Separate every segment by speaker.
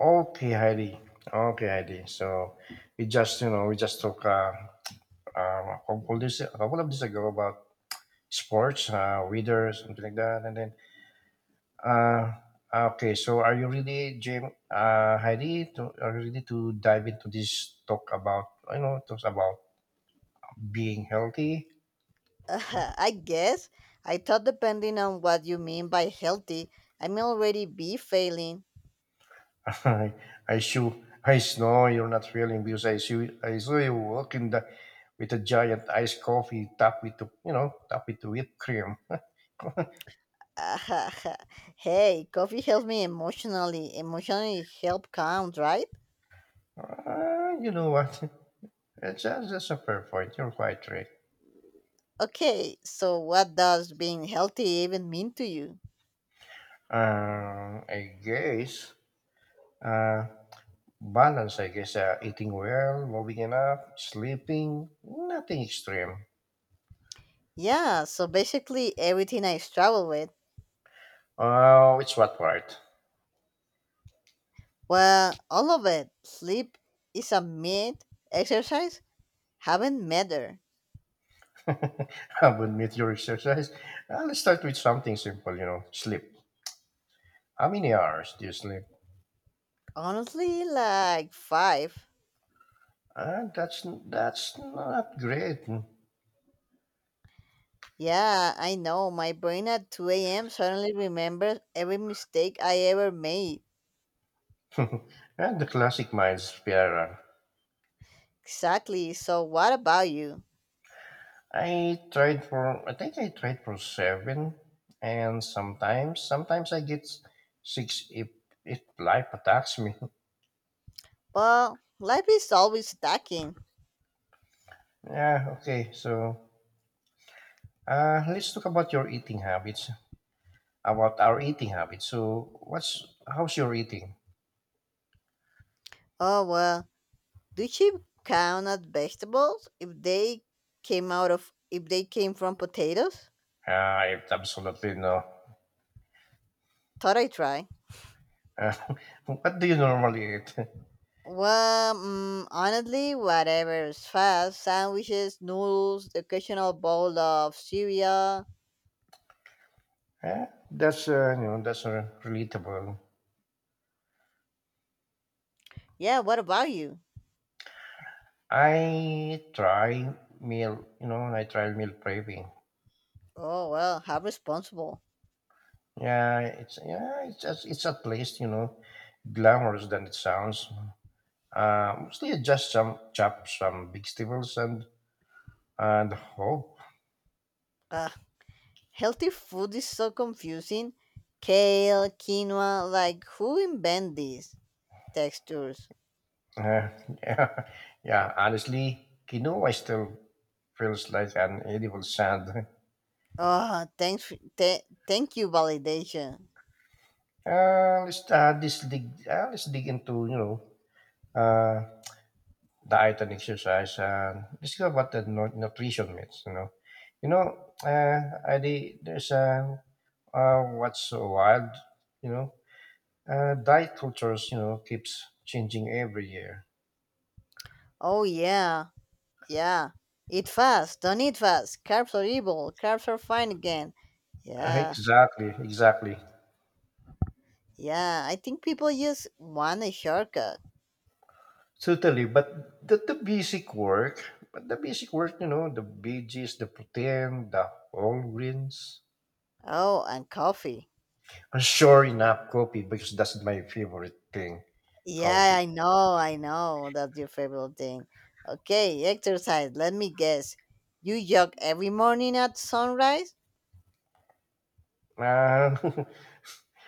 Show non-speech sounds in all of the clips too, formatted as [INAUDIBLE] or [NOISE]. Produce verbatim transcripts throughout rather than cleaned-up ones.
Speaker 1: Okay, Heidi. Okay, Heidi. So we just, you know, we just talk uh, um, a couple days, a couple of days ago about sports, uh, weather, something like that, and then. Uh, okay, so are you ready, Jim? Uh, Heidi, to, are you ready to dive into this talk about, you know, talks about being healthy?
Speaker 2: Uh, [LAUGHS] I guess. I thought depending on what you mean by healthy, I may already be failing.
Speaker 1: [LAUGHS] I, I show, I know you're not feeling because I see, I saw you walking the, with a giant iced coffee topped with, you know, topped with whipped cream.
Speaker 2: [LAUGHS] Hey, coffee helps me emotionally. Emotionally help count, right?
Speaker 1: Uh, you know what? [LAUGHS] It's just, just a fair point. You're quite right.
Speaker 2: Okay, so what does being healthy even mean to you?
Speaker 1: Um, I guess uh, balance. I guess uh, eating well, moving enough, sleeping, nothing extreme.
Speaker 2: Yeah, so basically everything I struggle with.
Speaker 1: Oh, it's what part?
Speaker 2: Well, all of it. Sleep is a myth. Exercise haven't mattered.
Speaker 1: [LAUGHS] I would admit your exercise. Uh, let's start with something simple. You know, sleep. How many hours do you sleep?
Speaker 2: Honestly, like five.
Speaker 1: Uh, that's that's not great.
Speaker 2: Yeah, I know. My brain at two a m suddenly remembers every mistake I ever made.
Speaker 1: [LAUGHS] And the classic mind spiral.
Speaker 2: Exactly. So, what about you?
Speaker 1: I tried for I think I tried for seven, and sometimes sometimes I get six if if life attacks me. [LAUGHS]
Speaker 2: Well, life is always stacking.
Speaker 1: Yeah. Okay. So uh, let's talk about your eating habits. About our eating habits. So what's how's your eating?
Speaker 2: Oh, well. Do you count as vegetables if they came out of if they came from potatoes?
Speaker 1: Ah, it's absolutely no.
Speaker 2: Thought I'd try.
Speaker 1: Uh, [LAUGHS] what do you normally eat? [LAUGHS]
Speaker 2: Well, mm, honestly, whatever is fast sandwiches, noodles, the occasional bowl of cereal.
Speaker 1: Yeah, that's uh, you know that's uh, relatable.
Speaker 2: Yeah, what about you?
Speaker 1: I try meal, you know, I try meal craving.
Speaker 2: Oh, well, how responsible.
Speaker 1: Yeah, it's yeah, it's just, it's at least you know glamorous than it sounds. Um, still just some chop, some big stivels, and and hope.
Speaker 2: Uh, Healthy food is so confusing. Kale, quinoa, like who invent these textures?
Speaker 1: Uh, [LAUGHS] yeah, yeah. Honestly, quinoa still feels like an edible sand. [LAUGHS]
Speaker 2: Oh, thanks. For, th- thank you, validation.
Speaker 1: Uh, let's uh, this dig. Uh, let's dig into you know uh, diet and exercise, and let's go about the nu- nutrition myths. You know, you know. Uh, I, the- there's a Uh, what's so wild, you know? Uh, diet cultures, you know, keeps changing every year.
Speaker 2: Oh yeah, yeah. Eat fast. Don't eat fast. Carbs are evil. Carbs are fine again.
Speaker 1: Uh,
Speaker 2: Yeah,
Speaker 1: Exactly, exactly,
Speaker 2: yeah. I think people just want a shortcut.
Speaker 1: totally. But the, the basic work, but the basic work, you know, the veggies, the protein, the whole grains.
Speaker 2: Oh, and coffee.
Speaker 1: Uh, Sure enough, coffee because that's my favorite thing,
Speaker 2: Yeah,
Speaker 1: coffee.
Speaker 2: I know, I know. That's your favorite thing. Okay, exercise. Let me guess. You jog every morning at sunrise?
Speaker 1: Uh,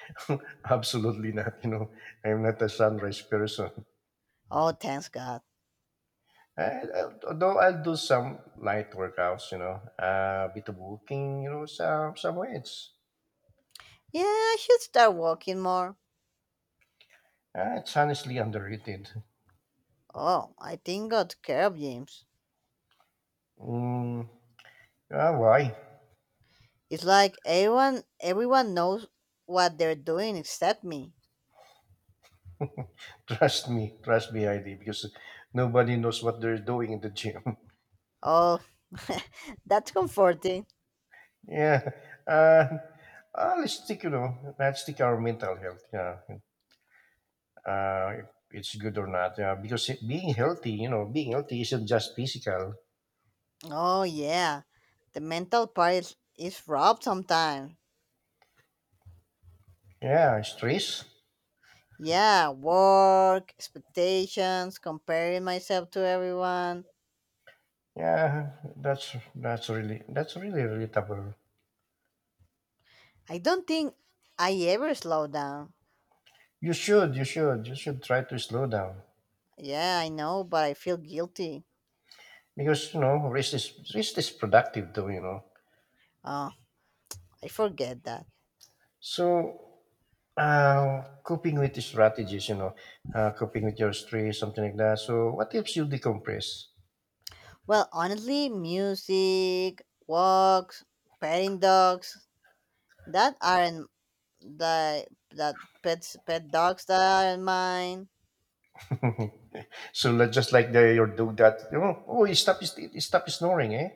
Speaker 1: [LAUGHS] absolutely not. You know, I'm not a sunrise person.
Speaker 2: Oh, thanks God.
Speaker 1: Eh, al although I'll do some light workouts, you know, uh, bit of walking, you know, some some weights.
Speaker 2: Yeah, I should start walking more.
Speaker 1: Uh, it's honestly underrated.
Speaker 2: Oh, I think God care of James.
Speaker 1: Mm, uh, why?
Speaker 2: It's like everyone, everyone knows what they're doing except me.
Speaker 1: [LAUGHS] Trust me, trust me, I D, because nobody knows what they're doing in the gym.
Speaker 2: Oh, [LAUGHS] that's comforting.
Speaker 1: [LAUGHS] Yeah, uh, uh, let's stick, you know, let's stick our mental health. Yeah, uh, if it's good or not. Yeah, because it- being healthy, you know, being healthy isn't just physical.
Speaker 2: Oh yeah, the mental part is, is robbed sometimes.
Speaker 1: Yeah, stress.
Speaker 2: Yeah, work, expectations, comparing myself to everyone.
Speaker 1: Yeah, that's that's really that's really relatable.
Speaker 2: I don't think I ever slow down.
Speaker 1: You should you should you should try to slow down
Speaker 2: Yeah, I know, but I feel guilty.
Speaker 1: because you know rest is rest is productive though you know.
Speaker 2: Oh, I forget that.
Speaker 1: So uh, coping with the strategies, you know, uh, coping with your stress, something like that. So what helps you decompress?
Speaker 2: Well, honestly, music, walks, petting dogs, that aren't the that pets pet dogs that aren't mine.
Speaker 1: [LAUGHS] so like- just like the your dog that you know, oh, he stop his he stop snoring, eh?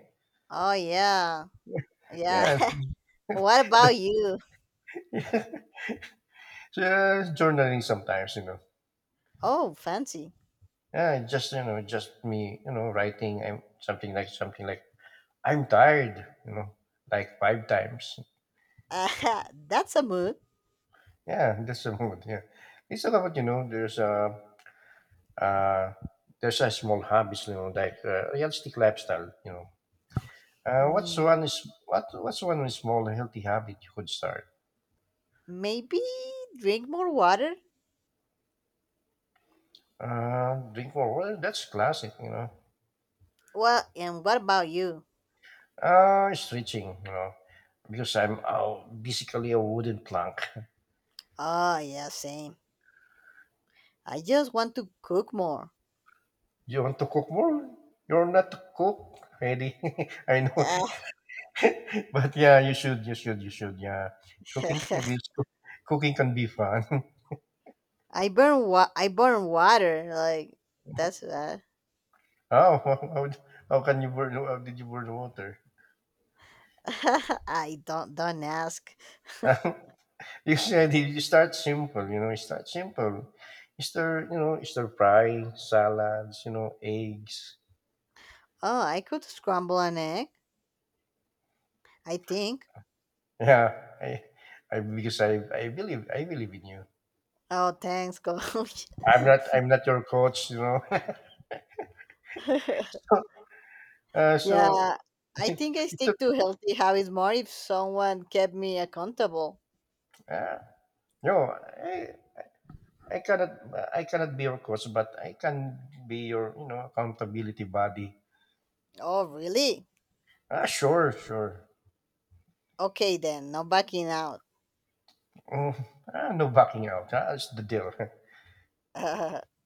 Speaker 2: Oh yeah, yeah.
Speaker 1: Yeah,
Speaker 2: [LAUGHS] What
Speaker 1: [LAUGHS]
Speaker 2: about
Speaker 1: that's
Speaker 2: you?
Speaker 1: uh, journaling sometimes, you know.
Speaker 2: Oh, fancy.
Speaker 1: Yeah, just you know, just me, you know, writing and something like something like I'm tired, you know, like five times.
Speaker 2: [LAUGHS] That's a mood.
Speaker 1: Yeah, that's the mood. Yeah, it's all about you know. There's a uh, there's a small hobbies, you know, like uh, realistic lifestyle. You know, uh, what's one
Speaker 2: Hmm.
Speaker 1: is what what's one small healthy habit you could start?
Speaker 2: Maybe drink more water?
Speaker 1: Uh, drink more. Well, that's classic, you know.
Speaker 2: Well, and what about you?
Speaker 1: Uh, stretching, you know, because I'm uh, basically a wooden plank. [LAUGHS]
Speaker 2: Oh, yeah, same. I just want to cook more.
Speaker 1: You want to cook more? You're not to cook, Eddie. [LAUGHS] I know [LAUGHS] but yeah, you should, you should, you should. Yeah, cooking, you will.
Speaker 2: [LAUGHS]
Speaker 1: Cook, cooking can be fun. [LAUGHS]
Speaker 2: I burn wa- I burn water. Like that's bad.
Speaker 1: Oh, [LAUGHS] how how how can you burn? How did you burn water?
Speaker 2: [LAUGHS] I don't don't ask.
Speaker 1: [LAUGHS] you said you you start simple. You know, you start simple. You stir, you know, you stir fry, salads, you know, eggs.
Speaker 2: Oh, I could scramble an egg. I think.
Speaker 1: [LAUGHS] Yeah, I, I because I I believe I believe in you.
Speaker 2: Oh, thanks, coach.
Speaker 1: I'm not I'm not your coach. You know. [LAUGHS]
Speaker 2: [LAUGHS]
Speaker 1: So, uh, so
Speaker 2: Yeah, I think I
Speaker 1: it took.
Speaker 2: stick to healthy habits more if someone kept me accountable.
Speaker 1: Uh, no, I, I cannot I cannot be your coach, but I can be your you know accountability body.
Speaker 2: Oh, really?
Speaker 1: Ah, sure, sure.
Speaker 2: Okay then. No backing out.
Speaker 1: Mm, ah, no backing out. Ah, it's the deal.
Speaker 2: [LAUGHS]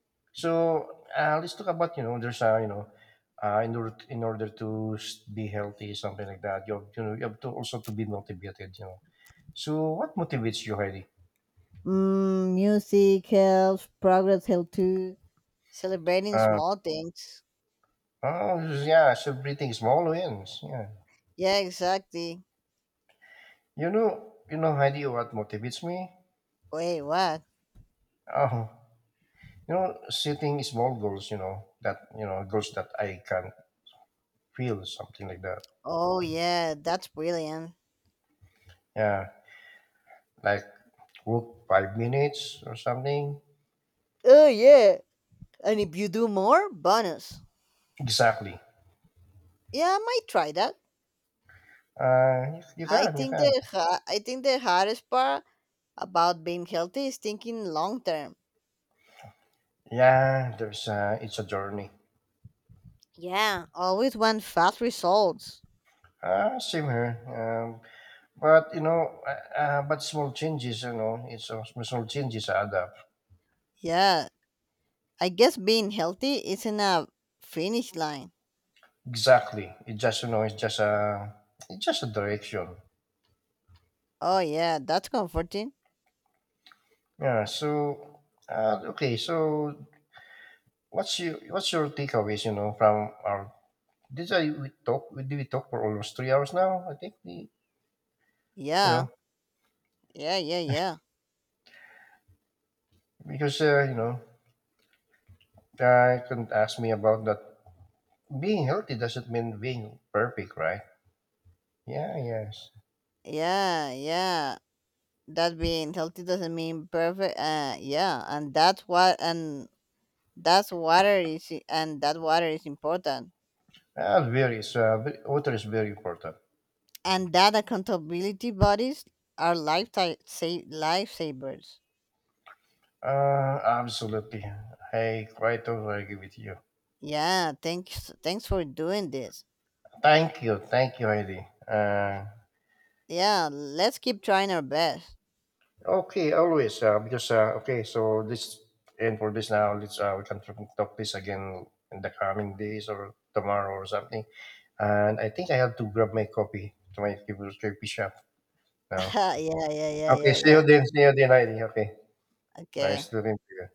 Speaker 1: [LAUGHS] So uh, let's talk about you know there's a you know uh, in order in order to s- be healthy something like that. You have, you know you have to also to be motivated. You know. So what motivates you, Heidi?
Speaker 2: Mm, music helps, progress helps too. Celebrating
Speaker 1: Uh,
Speaker 2: small things.
Speaker 1: oh yeah, celebrating small wins. Yeah.
Speaker 2: Yeah, exactly.
Speaker 1: You know you know, Heidi, what motivates me?
Speaker 2: Wait, what?
Speaker 1: Oh, you know, setting small goals, you know, that, you know, goals that I can feel, something like that.
Speaker 2: Oh, yeah, that's brilliant.
Speaker 1: Yeah, like walk five minutes or something.
Speaker 2: Oh, yeah. And if you do more, bonus.
Speaker 1: Exactly.
Speaker 2: Yeah, I might try that.
Speaker 1: Uh, you, you
Speaker 2: I
Speaker 1: can, you
Speaker 2: think
Speaker 1: can.
Speaker 2: the ha- I think the hardest part about being healthy is thinking long term.
Speaker 1: Yeah, there's a, it's a journey.
Speaker 2: Yeah, always want fast results.
Speaker 1: Uh, same here. Um, but you know, uh, uh, but small changes, you know, it's a, small changes add up.
Speaker 2: Yeah, I guess being healthy isn't a finish line.
Speaker 1: Exactly. It just you know, it's just a, it's just a direction.
Speaker 2: Oh yeah, that's comforting.
Speaker 1: Yeah. So, uh, okay. So What's your what's your takeaways? You know, from our Did I we talk we did we talk for almost three hours now. I think we you know
Speaker 2: Yeah. Yeah, yeah, yeah.
Speaker 1: because uh, you know I couldn't ask me about that. Being healthy doesn't mean being perfect, right? Yeah, yes.
Speaker 2: Yeah, yeah. That being healthy doesn't mean perfect. Uh, yeah, and that's what and that's water is i- and that water is important.
Speaker 1: Uh, very. So uh, ve- water is very important.
Speaker 2: And that accountability bodies are lifetime sa- lifesavers.
Speaker 1: Uh, absolutely. I quite totally agree with you.
Speaker 2: Yeah, thanks thanks for doing this.
Speaker 1: Thank you, thank you, Heidi. Uh,
Speaker 2: Yeah, let's keep trying our best.
Speaker 1: Okay, always. Uh, because uh, okay, so this and for this now, let's uh, we can talk talk this again in the coming days or tomorrow or something. And I think I have to grab my copy to my favorite coffee shop now.
Speaker 2: [LAUGHS] Yeah, yeah, yeah,
Speaker 1: Okay,
Speaker 2: yeah,
Speaker 1: see you
Speaker 2: yeah.
Speaker 1: then. See you then, Heidi. Okay,
Speaker 2: Okay.
Speaker 1: nice to meet you.